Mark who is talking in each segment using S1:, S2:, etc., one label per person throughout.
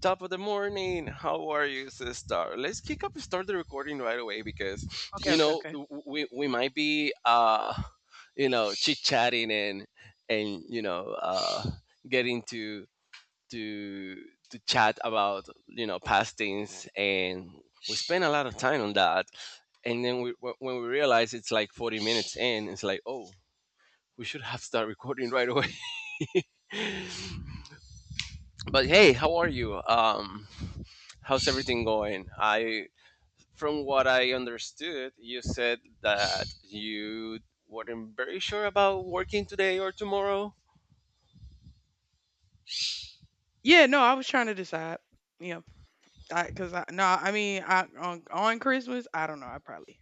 S1: Top of the morning. How are you, sister? Let's kick up start the recording right away because
S2: Okay,
S1: you
S2: okay,
S1: know
S2: okay.
S1: w- we we might be chit chatting and getting to to chat about past things, and we spend a lot of time on that, and then when we realize it's like 40 minutes in, it's like, oh, we should have start recording right away. But hey, how are you? How's everything going? I From what I understood, you said that you weren't very sure about working today or tomorrow.
S2: Yeah, no, I was trying to decide. Yeah, I, cause I no, I mean, I on Christmas, I don't know. I probably,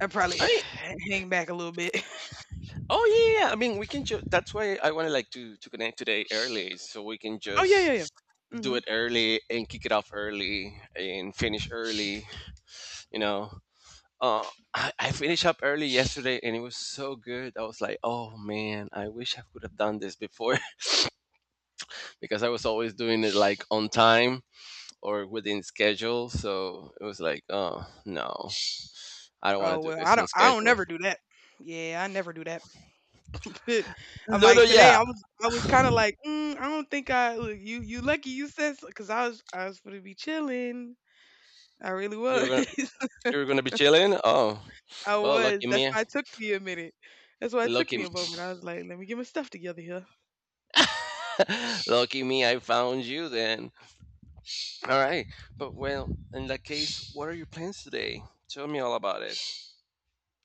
S2: I probably
S1: I mean,
S2: hang back a little bit.
S1: oh yeah, yeah. Yeah, I mean, we can. That's why I wanted, like, to connect today early, so we can
S2: Oh yeah, yeah, yeah.
S1: just do
S2: Hmm.
S1: it early and kick it off early and finish early. You know, uh, I finished up early yesterday and it was so good. I was like, oh man, I wish I could have done this before. Because I was always doing it like on time or within schedule. So it was like, oh no, I don't
S2: Oh
S1: want to do
S2: well,
S1: this on
S2: I don't
S1: schedule.
S2: never do that. Yeah, I never do that. I'm
S1: No, no,
S2: like today,
S1: yeah,
S2: I was kind of like, I don't think I, look, you lucky you said, because I was gonna be chilling. I really
S1: you're
S2: was.
S1: gonna you're gonna be chilling. Oh,
S2: I
S1: well,
S2: was.
S1: lucky
S2: That's
S1: me,
S2: why it took me a minute. That's why it took
S1: lucky,
S2: me
S1: m-
S2: a moment. I was like, let me get my stuff together here.
S1: lucky me, I found you then. All right, but well, in that case, what are your plans today? Tell me all about it.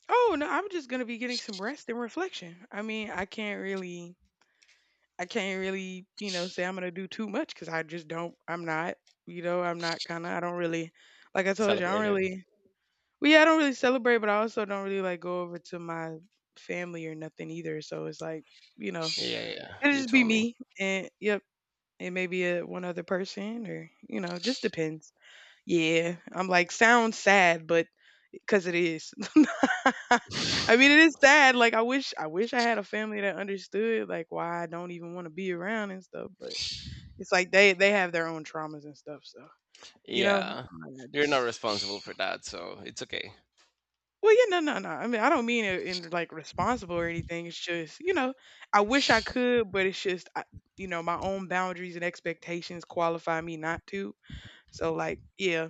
S2: Oh no, I'm just gonna be getting some rest and reflection. I mean, I can't really, you know, say I'm gonna do too much because I just don't. I'm not kind of. I don't really, like I told you, I don't
S1: Celebrate it.
S2: really. Well, yeah, I don't really celebrate, but I also don't really like go over to my family or nothing either. So it's like, you know,
S1: Yeah, yeah,
S2: it'll
S1: you
S2: just be
S1: told me.
S2: me and yep, and maybe a one other person or you know, just depends. Yeah, I'm like sounds sad, but 'cause it is. I mean, it is sad, like, I wish I had a family that understood, like, why I don't even wanna be around and stuff, but it's like they have their own traumas and stuff, so, you know,
S1: Yeah,
S2: and I
S1: you're not
S2: just
S1: responsible for that, so it's okay.
S2: well, yeah, no, no, no, I mean, I don't mean it in, like, responsible or anything, it's just, you know, I wish I could, but it's just, I you know, my own boundaries and expectations qualify me not to, so, like, yeah.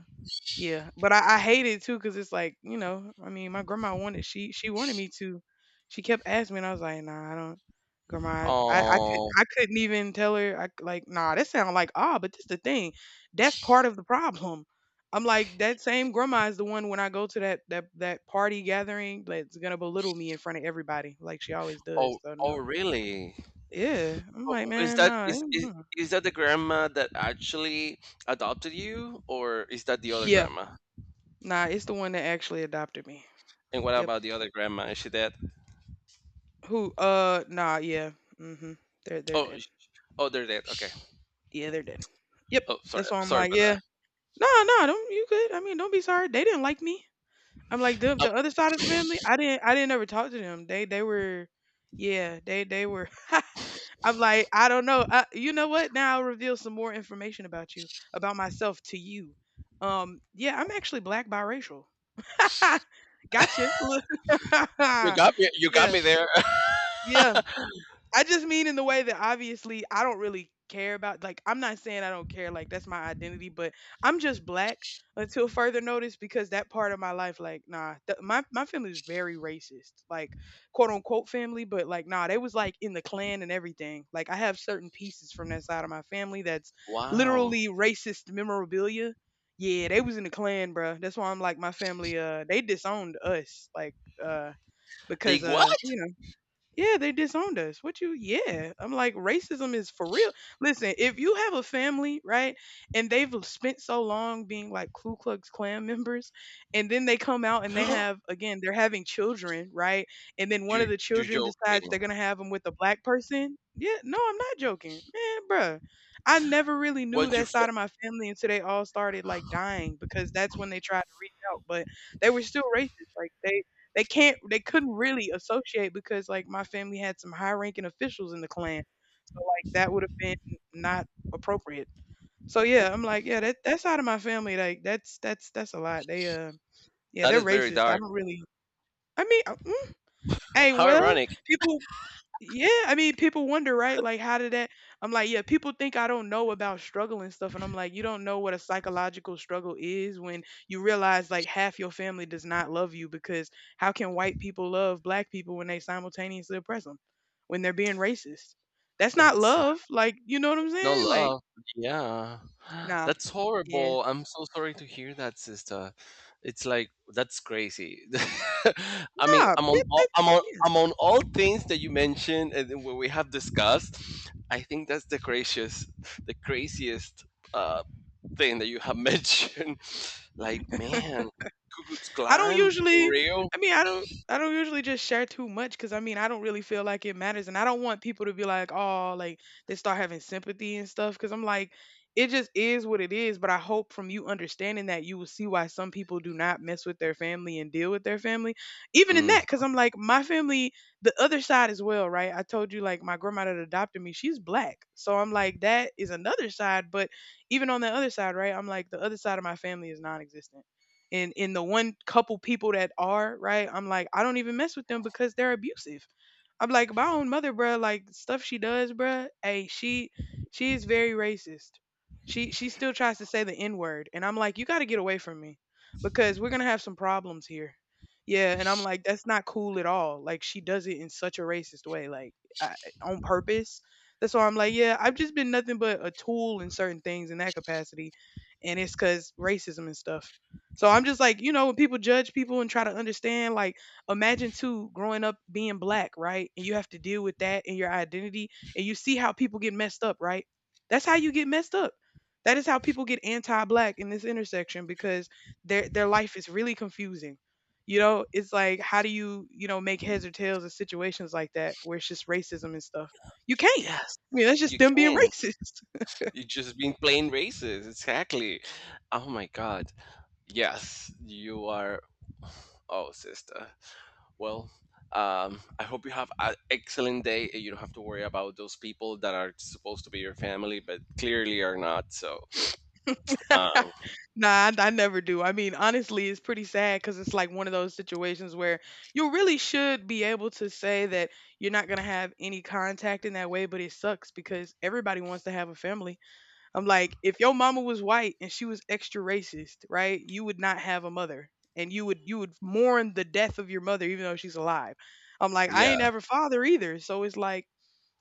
S2: Yeah, but I hate it too because it's like you know, I mean, my grandma wanted she wanted me to, she kept asking me, and I was like, nah, I don't, grandma,
S1: Oh,
S2: I couldn't even tell her, like nah, that sound like ah, but this the thing, that's part of the problem. I'm like that same grandma is the one when I go to that party gathering that's gonna belittle me in front of everybody like she always
S1: oh,
S2: does. So no,
S1: oh, really?
S2: yeah, I'm
S1: Oh,
S2: like
S1: oh,
S2: man, nah, mm, mm.
S1: is that the grandma that actually adopted you, or is that the other
S2: Yeah,
S1: grandma?
S2: nah, it's the one that actually adopted me.
S1: And what
S2: Yep.
S1: about the other grandma? Is she dead?
S2: Who? Nah, yeah. Mm-hmm. They're
S1: Oh,
S2: dead.
S1: sh- oh, they're dead. Okay.
S2: Yeah, they're dead. Yep.
S1: Oh, sorry,
S2: That's why I'm
S1: sorry
S2: like,
S1: about
S2: yeah.
S1: that.
S2: No, no, don't you good. I mean, don't be sorry. They didn't like me. I'm like the
S1: Oh,
S2: the other side of the family. I didn't ever talk to them. They were, yeah. They were. I'm like I don't know. I, you know what? Now I'll reveal some more information about you about myself to you. Yeah, I'm actually black biracial. Gotcha.
S1: you got me. You got
S2: Yeah,
S1: me there.
S2: yeah. I just mean in the way that obviously I don't really care about like I'm not saying I don't care like that's my identity but I'm just black until further notice because that part of my life like nah my family is very racist like quote unquote family but like nah they was like in the clan and everything like I have certain pieces from that side of my family that's
S1: Wow.
S2: literally racist memorabilia. Yeah they was in the clan, bruh. That's why I'm like my family they disowned us like uh
S1: They
S2: because
S1: what?
S2: you yeah, they disowned us. What you, yeah. I'm like, racism is for real. Listen, if you have a family, right, and they've spent so long being like Ku Klux Klan members, and then they come out and they have, again, they're having children, right? And then one of
S1: you
S2: the
S1: you
S2: children decides they're
S1: joking.
S2: going to have them with a black person. Yeah, no, I'm not joking. Man, bruh. I never really knew
S1: What you?
S2: that
S1: fi-
S2: side of my family until they all started like dying because that's when they tried to reach out, but they were still racist. Like, they can't they couldn't really associate because, like, my family had some high-ranking officials in the clan, so, like, that would've been not appropriate. So, yeah, I'm like, yeah, that that side of my family, like, that's a lot. They, yeah,
S1: That
S2: they're
S1: is very
S2: racist. I
S1: dark.
S2: don't really I mean, hey,
S1: How
S2: well,
S1: ironic.
S2: people yeah, I mean, people wonder, right? Like, how did that? I'm like, yeah, people think I don't know about struggle and stuff. And I'm like, you don't know what a psychological struggle is when you realize like half your family does not love you because how can white people love black people when they simultaneously oppress them, when they're being racist? That's not
S1: Let's
S2: love. Like, you know what I'm
S1: No
S2: saying? Like,
S1: love. Yeah.
S2: nah,
S1: That's
S2: yeah,
S1: horrible. I'm so sorry to hear that, sister. It's like that's crazy. I mean,
S2: nah,
S1: among
S2: it-
S1: all,
S2: it-
S1: among
S2: yeah.
S1: among all things that you mentioned and then what we have discussed, I think that's the craziest uh, thing that you have mentioned. Like, man, Ku Klux
S2: I don't
S1: Klan for
S2: usually.
S1: real?
S2: I mean, I don't. I don't usually just share too much because I mean, I don't really feel like it matters, and I don't want people to be like, oh, like they start having sympathy and stuff. Because I'm like, it just is what it is. But I hope from you understanding that you will see why some people do not mess with their family and deal with their family, even in
S1: Mm.
S2: that. Because I'm like, my family, the other side as well, right? I told you like my grandma that adopted me, she's black, so I'm like, that is another side. But even on the other side, right? I'm like, the other side of my family is non-existent and in the one couple people that are right, I'm like I don't even mess with them because they're abusive. I'm like my own mother, bruh. Like stuff she does, bruh. Hey, she is very racist. She still tries to say the N word, and I'm like, you got to get away from me because we're gonna have some problems here. Yeah, and I'm like, that's not cool at all. Like she does it in such a racist way, like I, on purpose. That's why I'm like, yeah, I've just been nothing but a tool in certain things in that capacity, and it's because racism and stuff. So I'm just like, you know, when people judge people and try to understand, like imagine too growing up being black, right? And you have to deal with that and your identity, and you see how people get messed up, right? That's how you get messed up. That is how people get anti-black in this intersection because their life is really confusing. You know, it's like how do you, you know, make heads or tails of situations like that where it's just racism and stuff? You can't.
S1: Yes,
S2: I mean, that's just
S1: you
S2: them being
S1: can.
S2: racist.
S1: You just been plain racist. Exactly. Oh my god. Yes, you are. Oh, sister. Well, I hope you have an excellent day and you don't have to worry about those people that are supposed to be your family, but clearly are not. So, um,
S2: Nah, I never do. I mean, honestly, it's pretty sad because it's like one of those situations where you really should be able to say that you're not going to have any contact in that way, but it sucks because everybody wants to have a family. I'm like, if your mama was white and she was extra racist, right? You would not have a mother and you would mourn the death of your mother even though she's alive. I'm like, I ain't
S1: yeah,
S2: have a father either. So it's like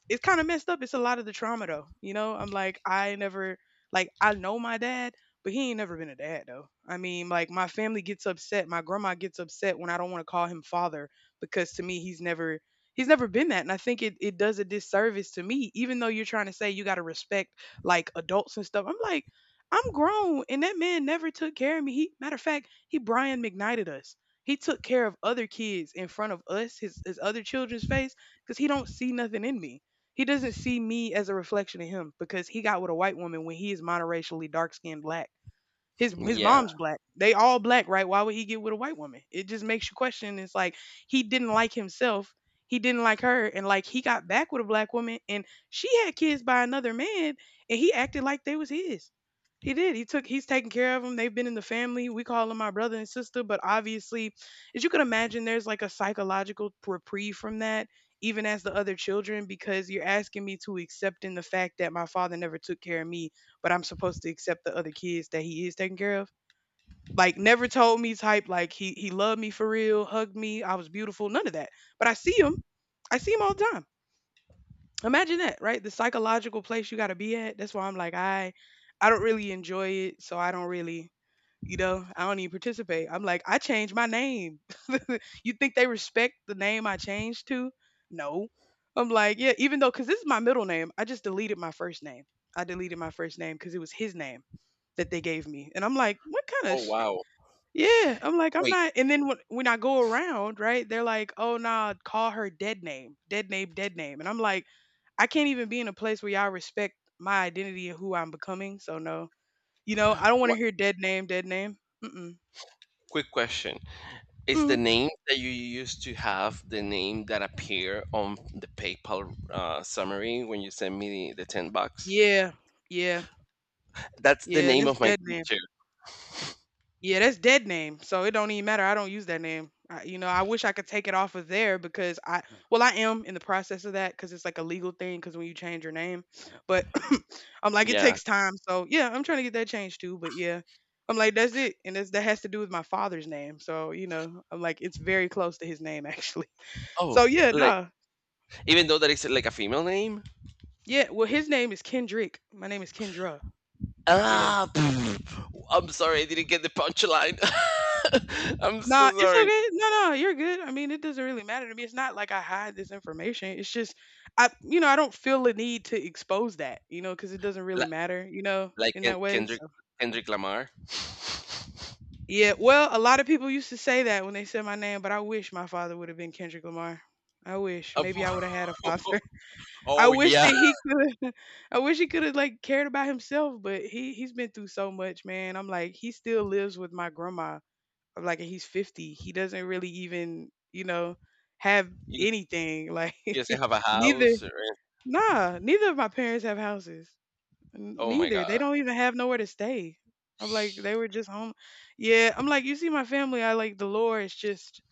S2: it's kind of messed up. It's a lot of the trauma though. You know, I'm like, I never like I know my dad, but he ain't never been a dad though. I mean, like my family gets upset. My grandma gets upset when I don't want to call him father because to me he's never been that. And I think it does a disservice to me, even though you're trying to say you gotta respect like adults and stuff. I'm like, I'm grown and that man never took care of me. He matter of fact, he Brian McKnighted us. He took care of other kids in front of us, his other children's face, because he don't see nothing in me he doesn't see me as a reflection of him because he got with a white woman when he is monoracially dark skinned black. His
S1: yeah.
S2: mom's black. They all black, right? Why would he get with a white woman? It just makes you question. It's like he didn't like himself. He didn't like her, and like he got back with a black woman, and she had kids by another man, and he acted like they was his. He did. He took. He's taking care of them. They've been in the family. We call them my brother and sister, but obviously, as you can imagine, there's like a psychological reprieve from that, even as the other children, because you're asking me to accept in the fact that my father never took care of me, but I'm supposed to accept the other kids that he is taking care of. Like never told me type like he loved me for real, hugged me, I was beautiful, none of that. But I see him all the time. Imagine that, right? The psychological place you got to be at. That's why I'm like I don't really enjoy it, so I don't really, I don't even participate. I'm like I changed my name. You think they respect the name I changed to? No. I'm like, yeah, even though, because this is my middle name, I just deleted my first name. I deleted my first name because it was his name that they gave me. And I'm like, what kind of
S1: Oh,
S2: sh-?
S1: wow.
S2: Yeah, I'm like, I'm
S1: Wait,
S2: not. And then when I go around, right, they're like, oh, nah, call her dead name, dead name, dead name. And I'm like, I can't even be in a place where y'all respect my identity and who I'm becoming. So, no, I don't want to
S1: what?
S2: hear dead name, dead name. Mm-mm.
S1: Quick question. Is the
S2: Mm.
S1: name that you used to have the name that appear on the PayPal summary when you send me the $10?
S2: Yeah, yeah,
S1: That's the
S2: yeah,
S1: name
S2: that's
S1: of my
S2: dead name.
S1: teacher.
S2: Yeah, that's dead name. So it don't even matter. I don't use that name. I I wish I could take it off of there because I, well, I am in the process of that because it's like a legal thing because when you change your name, but I'm like, it
S1: Yeah.
S2: takes time. So yeah, I'm trying to get that changed too. But yeah, I'm like, that's it. And that's, that has to do with my father's name. So, I'm like, it's very close to his name actually. So
S1: Oh,
S2: yeah,
S1: like
S2: nah.
S1: even though that is like a female name?
S2: Yeah, well, his name is Kendrick. My name is Kendra. Yeah.
S1: Ah, pff, I'm sorry, I didn't get the punchline. I'm
S2: Nah,
S1: so
S2: it's
S1: sorry.
S2: okay. No, no, you're good. I mean, it doesn't really matter to me. It's not like I hide this information. It's just I I don't feel the need to expose that, because it doesn't really
S1: Like,
S2: matter,
S1: like
S2: in that way.
S1: Kendrick,
S2: So
S1: Kendrick Lamar.
S2: yeah, well, a lot of people used to say that when they said my name, but I wish my father would have been Kendrick Lamar. I wish
S1: Of-
S2: maybe I would have had a father. I
S1: oh
S2: wish
S1: yeah,
S2: that he could. I wish he could have like cared about himself, but he's been through so much, man. I'm like he still lives with my grandma. I'm like, and he's 50. He doesn't really even, have
S1: you,
S2: anything. Like,
S1: you doesn't have a
S2: neither,
S1: house. Or,
S2: nah, neither of my parents have houses. N-
S1: oh my
S2: Neither. They
S1: god!
S2: don't even have nowhere to stay. I'm like, they were just home. Yeah. I'm like, you see my family, I like the lore is just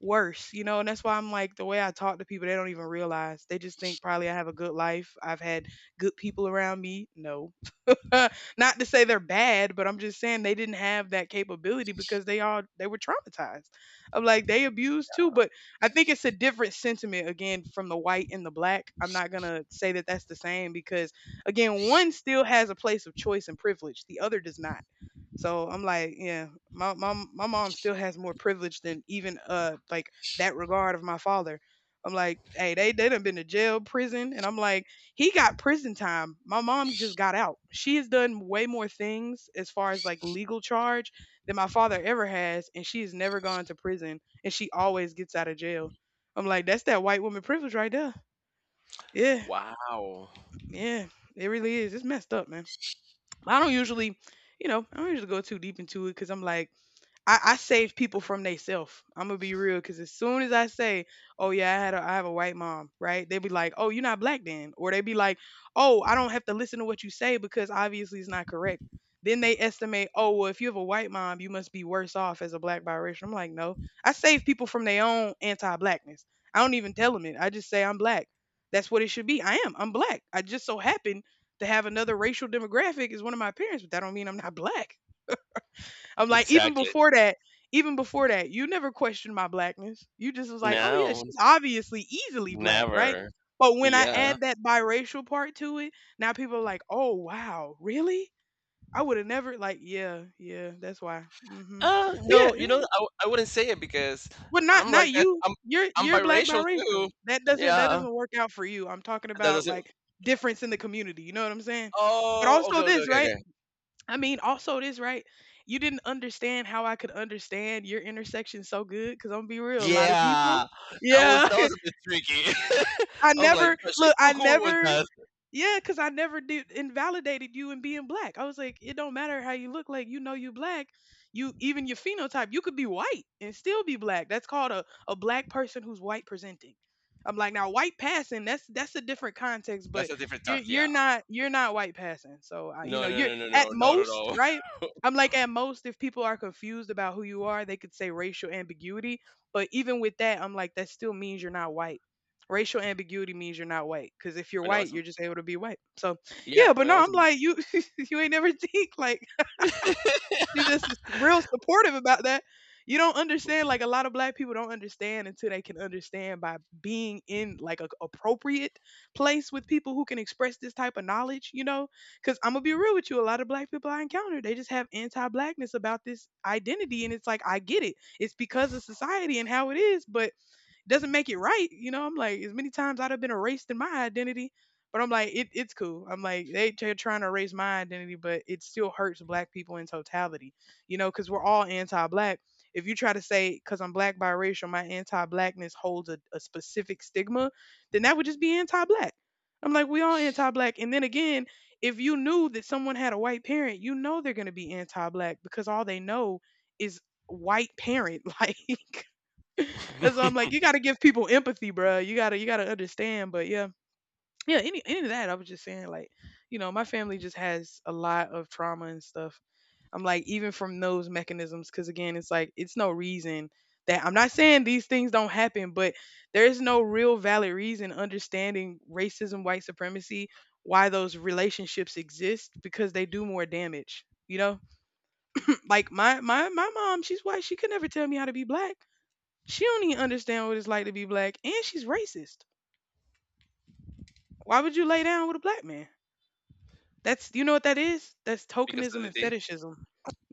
S2: worse, and that's why I'm like, the way I talk to people, they don't even realize. They just think probably I have a good life. I've had good people around me. No. Not to say they're bad, but I'm just saying they didn't have that capability because they all they were traumatized. I'm like they abused too, but I think it's a different sentiment again from the white and the black. I'm not going to say that that's the same because again, one still has a place of choice and privilege, the other does not. So I'm like, yeah, my mom still has more privilege than even like that regard of my father. I'm like, hey, they done been to jail, prison, and I'm like he got prison time. My mom just got out. She has done way more things as far as like legal charge than my father ever has, and she has never gone to prison, and she always gets out of jail. I'm like, that's that white woman privilege right there. Yeah,
S1: Wow.
S2: yeah, it really is. It's messed up, man. I don't usually, I don't usually go too deep into it because I'm like, I save people from theyself. I'm gonna be real, cause as soon as I say, "Oh yeah, I have a white mom," right? They be like, "Oh, you're not black then," or they be like, "Oh, I don't have to listen to what you say because obviously it's not correct." Then they estimate, "Oh, well, if you have a white mom, you must be worse off as a black biracial." I'm like, no, I save people from their own anti-blackness. I don't even tell them it. I just say I'm black. That's what it should be. I am. I'm black. I just so happen to have another racial demographic as one of my parents, but that don't mean I'm not black. I'm like,
S1: Exactly.
S2: even before that, you never questioned my blackness. You just was like, oh yeah,
S1: No,
S2: she's obviously easily black, right?
S1: never.
S2: But when I
S1: Yeah.
S2: add that biracial part to it, now people are like, oh wow, really? I would have never like, yeah, yeah, that's why. Hmm. But yeah,
S1: No, you
S2: yeah.
S1: know, I wouldn't say it because
S2: But not
S1: I'm
S2: not
S1: like that.
S2: you. You're
S1: I'm
S2: you're black
S1: biracial
S2: biracial.
S1: too.
S2: That doesn't that
S1: Yeah,
S2: doesn't work out for you. I'm talking
S1: that
S2: about
S1: doesn't.
S2: like difference in the community. You know what I'm saying? But
S1: Oh, okay,
S2: also
S1: okay,
S2: this,
S1: okay,
S2: right?
S1: okay.
S2: I mean, also this, right? You didn't understand how I could understand your intersection so good, because I'm gonna be real, a lot of people.
S1: Yeah, that was
S2: Yeah.
S1: that was a bit tricky.
S2: I
S1: I was like,
S2: never
S1: but
S2: look,
S1: she's
S2: I
S1: too cool with
S2: never
S1: us.
S2: yeah, because I never did invalidated you in being black. I was like, it don't matter how you look like, you know you black. You even your phenotype, you could be white and still be black. That's called a black person who's white presenting. I'm like, now white passing, that's a different context, but
S1: That's a different
S2: you're
S1: time.
S2: you're
S1: Yeah.
S2: not you're not white passing. So
S1: No, no,
S2: you're
S1: no, no,
S2: at
S1: no, not at
S2: most,
S1: all.
S2: right? I'm like at most if people are confused about who you are, they could say racial ambiguity. But even with that, I'm like, that still means you're not white. Racial ambiguity means you're not white. Cause if you're
S1: when I
S2: white,
S1: was,
S2: you're just able to be white. So
S1: yeah,
S2: yeah, but
S1: when I
S2: no,
S1: was,
S2: I'm like you you ain't never think like she just is real supportive about that. You don't understand like a lot of black people don't understand until they can understand by being in like a appropriate place with people who can express this type of knowledge, you know? Cause I'm gonna be real with you, a lot of black people I encounter, they just have anti blackness about this identity and it's like I get it. It's because of society and how it is, but doesn't make it right. You know, I'm like, as many times I'd have been erased in my identity, but I'm like, it's cool. I'm like, they're trying to erase my identity, but it still hurts black people in totality, because we're all anti black. If you try to say, because I'm black biracial, my anti blackness holds a specific stigma, then that would just be anti black. I'm like, we all anti black. And then again, if you knew that someone had a white parent, you know they're going to be anti black because all they know is white parent. Like, and so I'm like, you gotta give people empathy, bruh. You gotta understand. But yeah, yeah. Any of that, I was just saying, like, my family just has a lot of trauma and stuff. I'm like, even from those mechanisms, because again, it's like it's no reason that I'm not saying these things don't happen, but there is no real valid reason understanding racism, white supremacy, why those relationships exist because they do more damage. You know, like my mom, she's white. She could never tell me how to be black. She don't even understand what it's like to be black, and she's racist. Why would you lay down with a black man? That's you know what that is? That's
S1: because of
S2: tokenism
S1: the
S2: and
S1: day.
S2: fetishism.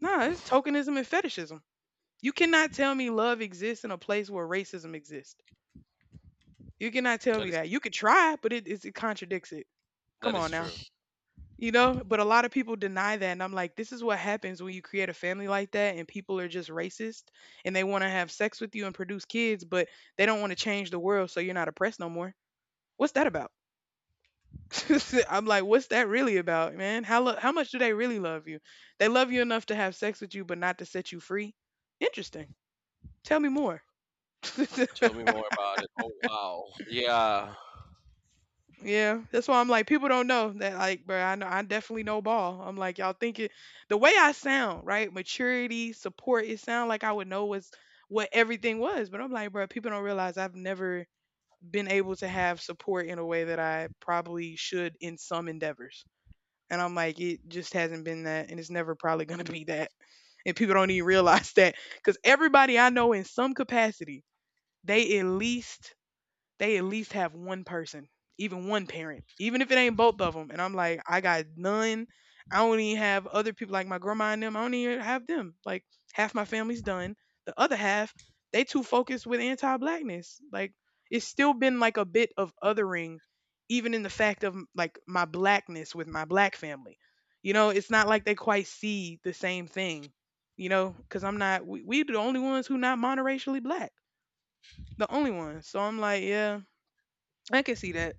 S2: Nah, it's tokenism and fetishism. You cannot tell me love exists in a place where racism exists. You cannot tell
S1: That
S2: me
S1: is
S2: that. You could try, but it contradicts it. Come
S1: that is
S2: on now.
S1: true.
S2: You know, but a lot of people deny that, and I'm like, this is what happens when you create a family like that, and people are just racist, and they want to have sex with you and produce kids, but they don't want to change the world, so you're not oppressed no more. What's that about? I'm like, what's that really about, man? How much do they really love you? They love you enough to have sex with you, but not to set you free. Interesting. Tell me more.
S1: Tell me more about it. Oh wow. Yeah.
S2: Yeah, that's why I'm like, people don't know that. Like, bro, I know I definitely know ball. I'm like, y'all think it the way I sound, right? Maturity, support. It sound like I would know what's what everything was, but I'm like, bro, people don't realize I've never been able to have support in a way that I probably should in some endeavors. And I'm like, it just hasn't been that, and it's never probably gonna be that. And people don't even realize that because everybody I know in some capacity, they at least they at least have one person, even one parent, even if it ain't both of them. And I'm like, I got none. I don't even have other people like my grandma and them. I don't even have them. Like half my family's done. The other half, they too focused with anti-blackness. Like it's still been like a bit of othering, even in the fact of like my blackness with my black family. You know, it's not like they quite see the same thing. You know, because I'm not. We the only ones who not monoracially black. The only ones. So I'm like, yeah, I can see that.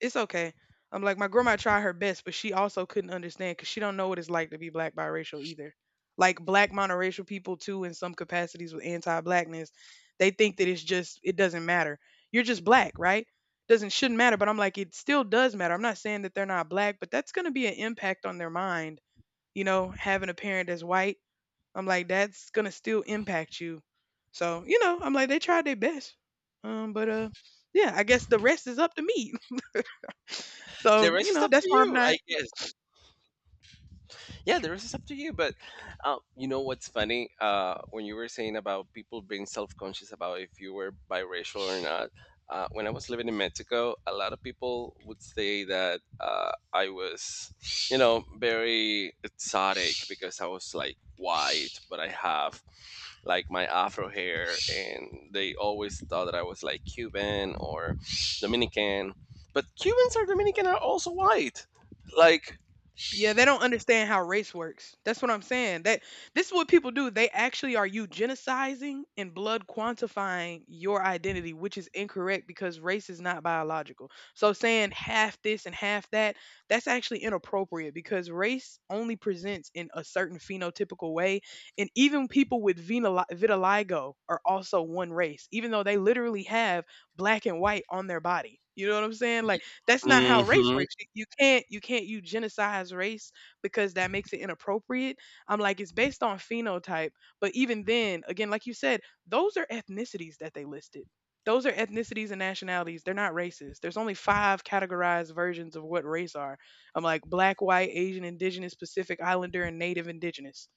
S2: It's okay. I'm like my grandma tried her best, but she also couldn't understand because she don't know what it's like to be black biracial either. Like black monoracial people too, in some capacities with anti-blackness, they think that it's just it doesn't matter. You're just black, right? Doesn't shouldn't matter. But I'm like it still does matter. I'm not saying that they're not black, but that's gonna be an impact on their mind. You know, having a parent that's white, I'm like that's gonna still impact you. So you know, I'm like they tried their best, but yeah, I guess the rest is up to me.
S1: The
S2: So,
S1: rest
S2: you
S1: is
S2: know,
S1: up
S2: that's
S1: to
S2: why I'm
S1: you,
S2: not
S1: I guess. Yeah, the rest is up to you. But you know what's funny? When you were saying about people being self conscious about if you were biracial or not, when I was living in Mexico, a lot of people would say that I was, you know, very exotic because I was like white, but I have like my afro hair, and they always thought that I was like Cuban or Dominican. But Cubans or Dominican are also white. Like,
S2: yeah, they don't understand how race works. That's what I'm saying. That this is what people do. They actually are eugenicizing and blood quantifying your identity, which is incorrect because race is not biological. So saying half this and half that, that's actually inappropriate because race only presents in a certain phenotypical way, and even people with vitiligo are also one race, even though they literally have black and white on their body. You know what I'm saying? Like that's not how race
S1: hmm.
S2: works. You can't eugenicize race because that makes it inappropriate. I'm like it's based on phenotype, but even then, again, like you said, those are ethnicities that they listed. Those are ethnicities and nationalities. They're not races. There's only five categorized versions of what race are. I'm like black, white, Asian, indigenous, Pacific Islander, and native indigenous.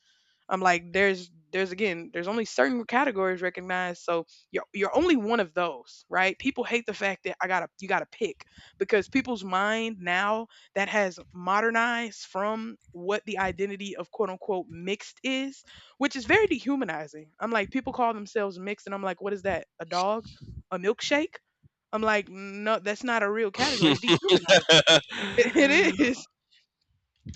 S2: I'm like, there's again, there's only certain categories recognized, so you're only one of those, right? People hate the fact that I gotta you gotta pick because people's mind now that has modernized from what the identity of quote unquote mixed is, which is very dehumanizing. I'm like, people call themselves mixed, and I'm like, what is that? A dog? A milkshake? I'm like, no, that's not a real category. It's dehumanizing. It is.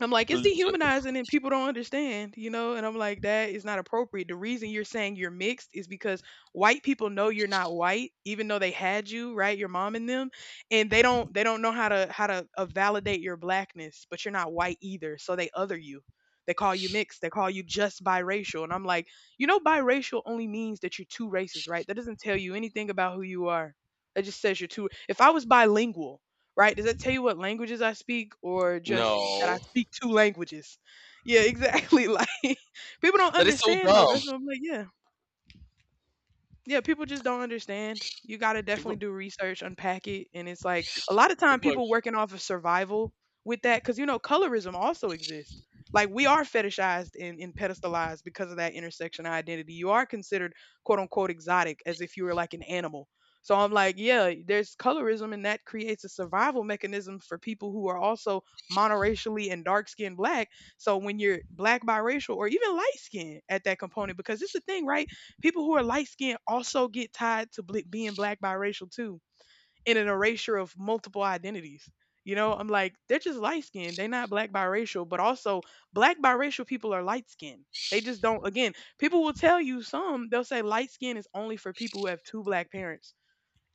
S2: I'm like, it's dehumanizing and people don't understand, you know? And I'm like, that is not appropriate. The reason you're saying you're mixed is because white people know you're not white, even though they had you, right? Your mom and them. And they don't know how to validate your blackness, but you're not white either. So they other you. They call you mixed. They call you just biracial. And I'm like, you know, biracial only means that you're two races, right? That doesn't tell you anything about who you are. That just says you're two. If I was bilingual, right? Does that tell you what languages I speak or just that I
S1: No,
S2: speak two languages? Yeah, exactly. Like people don't
S1: that is so
S2: understand though.
S1: dumb.
S2: That's what I'm like, yeah. Yeah, people just don't understand. You gotta definitely
S1: People,
S2: do research, unpack it, and it's like a lot of time
S1: people are
S2: people working off of survival with that because you know colorism also exists. Like we are fetishized and pedestalized because of that intersection identity. You are considered quote unquote exotic as if you were like an animal. So I'm like, yeah, there's colorism, and that creates a survival mechanism for people who are also monoracially and dark skinned black. So when you're black, biracial, or even light skinned at that component, because it's a thing, right? People who are light skinned also get tied to being black biracial too, in an erasure of multiple identities. You know, I'm like, they're just light skinned. They're not black biracial, but also black biracial people are light skinned. They just don't, again, people will tell you some, they'll say light skin is only for people who have two black parents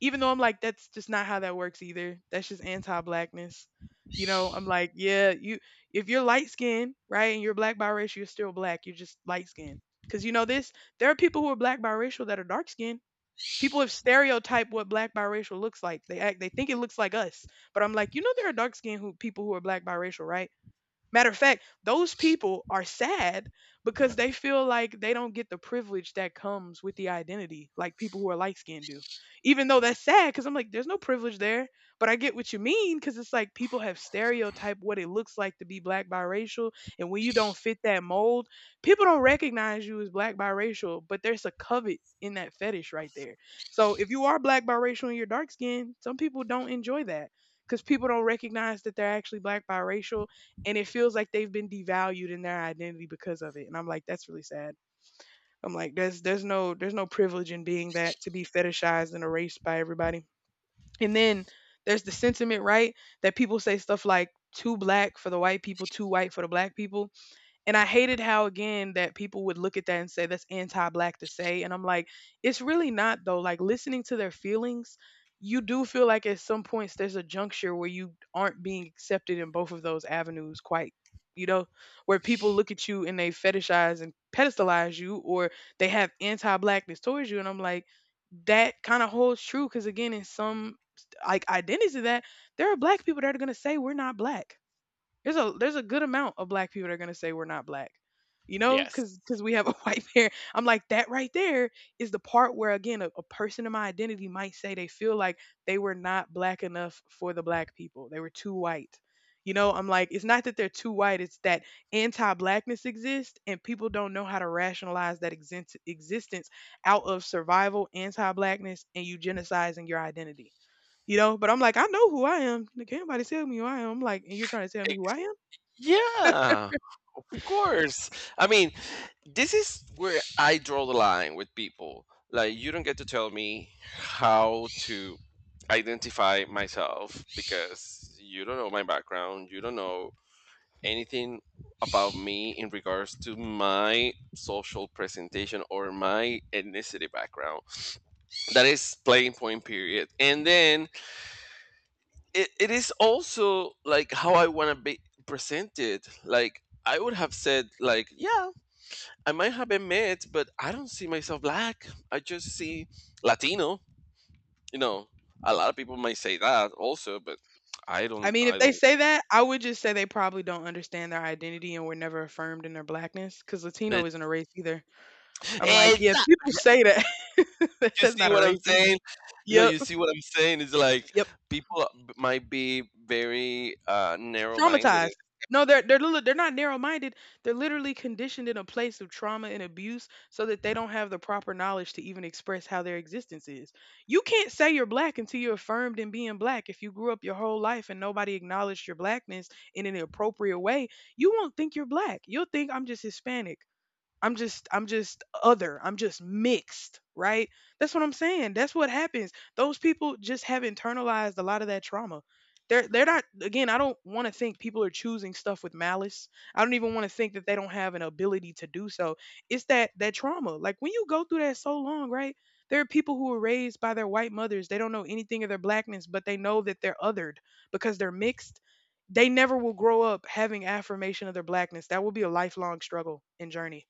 S2: even though I'm like, that's just not how that works either. That's just anti-blackness. You know, I'm like, yeah, you if you're light skinned, right, and you're black biracial, you're still black. You're just light skinned. Because you know this, there are people who are black biracial that are dark skinned. People have stereotyped what black biracial looks like. They think it looks like us. But I'm like, you know there are dark skinned who people who are black biracial, right? Matter of fact, those people are sad because they feel like they don't get the privilege that comes with the identity, like people who are light skinned do. Even though that's sad, because I'm like, there's no privilege there. But I get what you mean, because it's like people have stereotyped what it looks like to be black biracial. And when you don't fit that mold, people don't recognize you as black biracial, but there's a covet in that fetish right there. So if you are black biracial and you're dark skinned, some people don't enjoy that because people don't recognize that they're actually black biracial and it feels like they've been devalued in their identity because of it. And I'm like, that's really sad. I'm like, there's no privilege in being that to be fetishized and erased by everybody. And then there's the sentiment, right? That people say stuff like too black for the white people, too white for the black people. And I hated how again that people would look at that and say that's anti-black to say. And I'm like, it's really not though. Like listening to their feelings, you do feel like at some points there's a juncture where you aren't being accepted in both of those avenues quite, you know, where people look at you and they fetishize and pedestalize you or they have anti-blackness towards you. And I'm like, that kind of holds true because again, in some like identities of that, there are black people that are gonna say we're not black there's a good amount of black people that are gonna say we're not black. You know,
S1: yes,
S2: cause we have a white parent. I'm like that right there is the part where again a person in my identity might say they feel like they were not black enough for the black people. They were too white. You know, I'm like, it's not that they're too white, it's that anti blackness exists and people don't know how to rationalize that existence out of survival, anti blackness, and eugenicizing your identity. You know, but I'm like, I know who I am. Like, can't nobody tell me who I am. I'm like, and you're trying to tell me who
S1: Ex-
S2: I am?
S1: yeah, of course. I mean, this is where I draw the line with people. Like, you don't get to tell me how to identify myself because you don't know my background. You don't know anything about me in regards to my social presentation or my ethnicity background. That is playing point period. And then it is also like how I want to be presented. Like I would have said like, yeah, I might have been mixed, but I don't see myself black, I just see latino, you know. A lot of people might say that also, but
S2: I mean, if
S1: I
S2: they
S1: don't.
S2: say that, I would just say they probably don't understand their identity and were never affirmed in their blackness. Cause Latino
S1: it,
S2: isn't a race either. I'm like,
S1: it's
S2: yeah,
S1: not.
S2: people say that.
S1: You
S2: That's
S1: see
S2: not a
S1: what I'm
S2: race either.
S1: saying? No,
S2: Yep.
S1: you see what I'm saying? It's like
S2: Yep.
S1: people might be very narrow-minded.
S2: Traumatized. No, they're not narrow-minded. They're literally conditioned in a place of trauma and abuse so that they don't have the proper knowledge to even express how their existence is. You can't say you're black until you're affirmed in being black. If you grew up your whole life and nobody acknowledged your blackness in an appropriate way, you won't think you're black. You'll think I'm just Hispanic. I'm just other. I'm just mixed, right? That's what I'm saying. That's what happens. Those people just have internalized a lot of that trauma. They're not again, I don't want to think people are choosing stuff with malice. I don't even want to think that they don't have an ability to do so. It's that trauma. Like when you go through that so long, right? There are people who were raised by their white mothers. They don't know anything of their blackness, but they know that they're othered because they're mixed. They never will grow up having affirmation of their blackness. That will be a lifelong struggle and journey.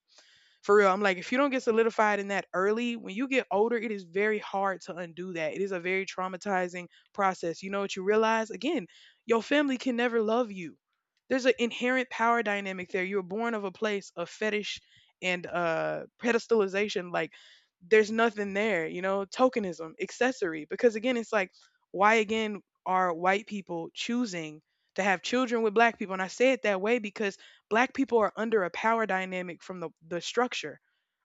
S2: For real, I'm like, if you don't get solidified in that early, when you get older, it is very hard to undo that. It is a very traumatizing process. You know what you realize? Again, your family can never love you. There's an inherent power dynamic there. You were born of a place of fetish and pedestalization. Like, there's nothing there, you know, tokenism, accessory. Because again, it's like, why again are white people choosing to have children with black people? And I say it that way because black people are under a power dynamic from the structure.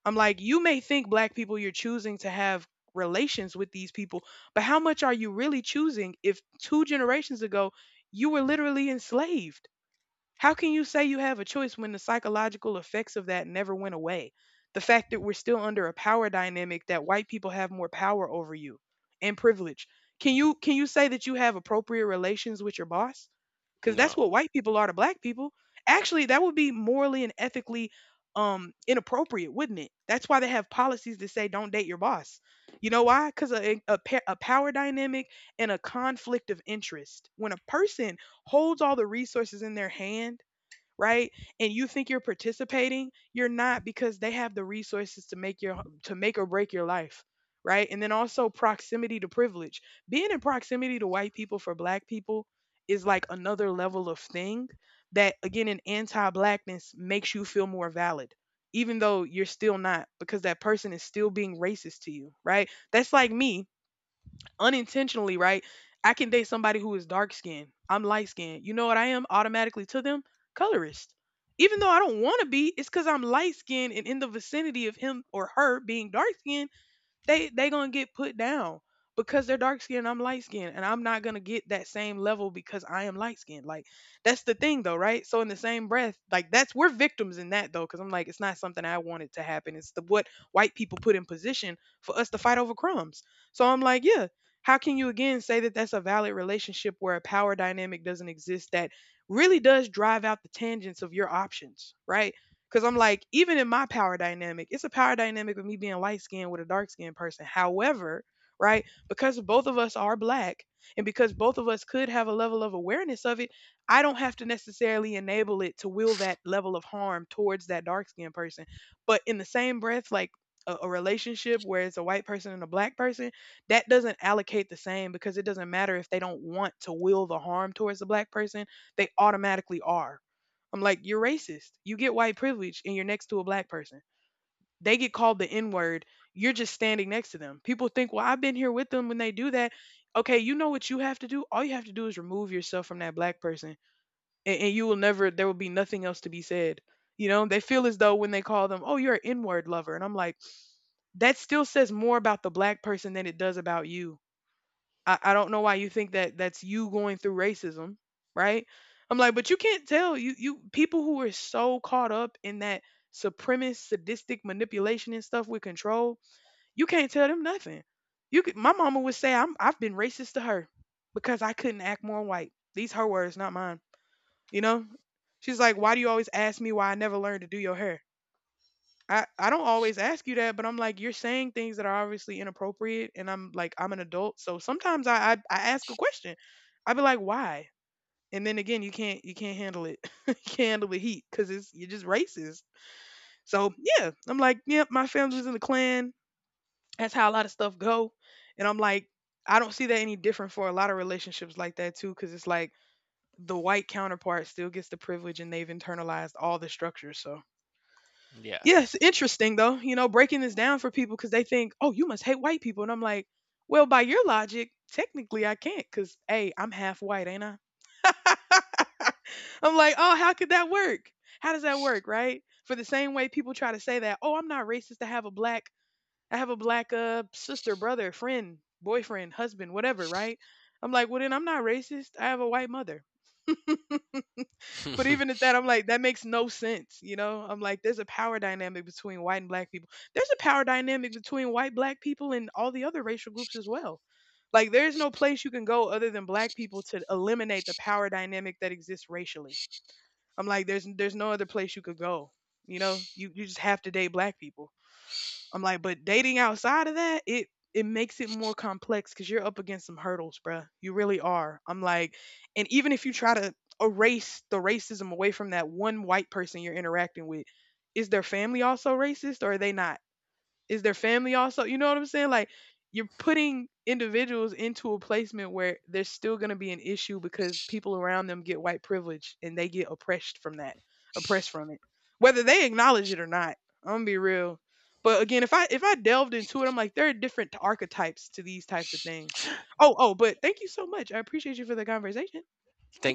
S2: I'm like, you may think black people you're choosing to have relations with these people, but how much are you really choosing if two generations ago you were literally enslaved? How can you say you have a choice when the psychological effects of that never went away? The fact that we're still under a power dynamic that white people have more power over you and privilege. Can you say that you have appropriate relations with your boss? Cuz that's what
S1: No.
S2: white people are to black people. Actually, that would be morally and ethically inappropriate, wouldn't it? That's why they have policies that say don't date your boss. You know why? Cuz a power dynamic and a conflict of interest. When a person holds all the resources in their hand, right? And you think you're participating, you're not because they have the resources to make your to make or break your life, right? And then also proximity to privilege. Being in proximity to white people for black people is like another level of thing that again in anti-blackness makes you feel more valid even though you're still not because that person is still being racist to you, right? That's like me unintentionally, right? I can date somebody who is dark skinned. I'm light skinned. You know what I am automatically to them? Colorist. Even though I don't want to be, it's because I'm light skinned and in the vicinity of him or her being dark skinned, they gonna get put down because they're dark skinned, I'm light skinned, and I'm not gonna get that same level because I am light skinned. Like, that's the thing though, right? So in the same breath, like, that's, we're victims in that though, because I'm like, it's not something I wanted to happen. It's the what white people put in position for us to fight over crumbs. So I'm like, yeah, how can you again say that that's a valid relationship where a power dynamic doesn't exist, that really does drive out the tangents of your options, right? Cause I'm like, even in my power dynamic, it's a power dynamic of me being light skinned with a dark skinned person. However, right, because both of us are black and because both of us could have a level of awareness of it, I don't have to necessarily enable it to will that level of harm towards that dark skinned person. But in the same breath, like, a relationship where it's a white person and a black person, that doesn't allocate the same because it doesn't matter if they don't want to will the harm towards the black person, they automatically are. I'm like, you're racist. You get white privilege and you're next to a black person. They get called the N word. You're just standing next to them. People think, well, I've been here with them when they do that. Okay, you know what you have to do? All you have to do is remove yourself from that black person, and you will never, there will be nothing else to be said. You know, they feel as though when they call them, oh, you're an N word lover. And I'm like, that still says more about the black person than it does about you. I don't know why you think that that's you going through racism, right? I'm like, but you can't tell you, you people who are so caught up in that supremacist, sadistic manipulation and stuff with control, you can't tell them nothing. You could, my mama would say I've been racist to her because I couldn't act more white. These her words, not mine. You know? She's like, why do you always ask me why I never learned to do your hair? I don't always ask you that, but I'm like, you're saying things that are obviously inappropriate. And I'm like, I'm an adult. So sometimes I ask a question. I be like, why? And then again, you can't handle it. You can't handle the heat because it's, you're just racist. So yeah, I'm like, yep, my family was in the Klan. That's how a lot of stuff go. And I'm like, I don't see that any different for a lot of relationships like that too. Cause it's like the white counterpart still gets the privilege and they've internalized all the structures. So yeah, it's
S1: Yes.
S2: interesting though, you know, breaking this down for people because they think, oh, you must hate white people. And I'm like, well, by your logic, technically I can't because, hey, I'm half white, ain't I? I'm like, oh, how could that work? How does that work, right? For the same way people try to say that, oh, I'm not racist, to have a black, I have a black sister, brother, friend, boyfriend, husband, whatever, right? I'm like, well, then I'm not racist. I have a white mother. But even at that, I'm like, that makes no sense. You know, I'm like, there's a power dynamic between white and black people. There's a power dynamic between white, black people, and all the other racial groups as well. Like, there is no place you can go other than black people to eliminate the power dynamic that exists racially. I'm like, there's no other place you could go. You know, you just have to date black people. I'm like, but dating outside of that, it makes it more complex because you're up against some hurdles, bruh. You really are. I'm like, and even if you try to erase the racism away from that one white person you're interacting with, is their family also racist or are they not? Is their family also? You know what I'm saying? Like, you're putting individuals into a placement where there's still going to be an issue because people around them get white privilege and they get oppressed from that, oppressed from it, whether they acknowledge it or not. I'm gonna be real. But again, if I delved into it, I'm like there are different archetypes to these types of things. Oh, oh, but thank you so much. I appreciate you for the conversation. Thank
S1: Thank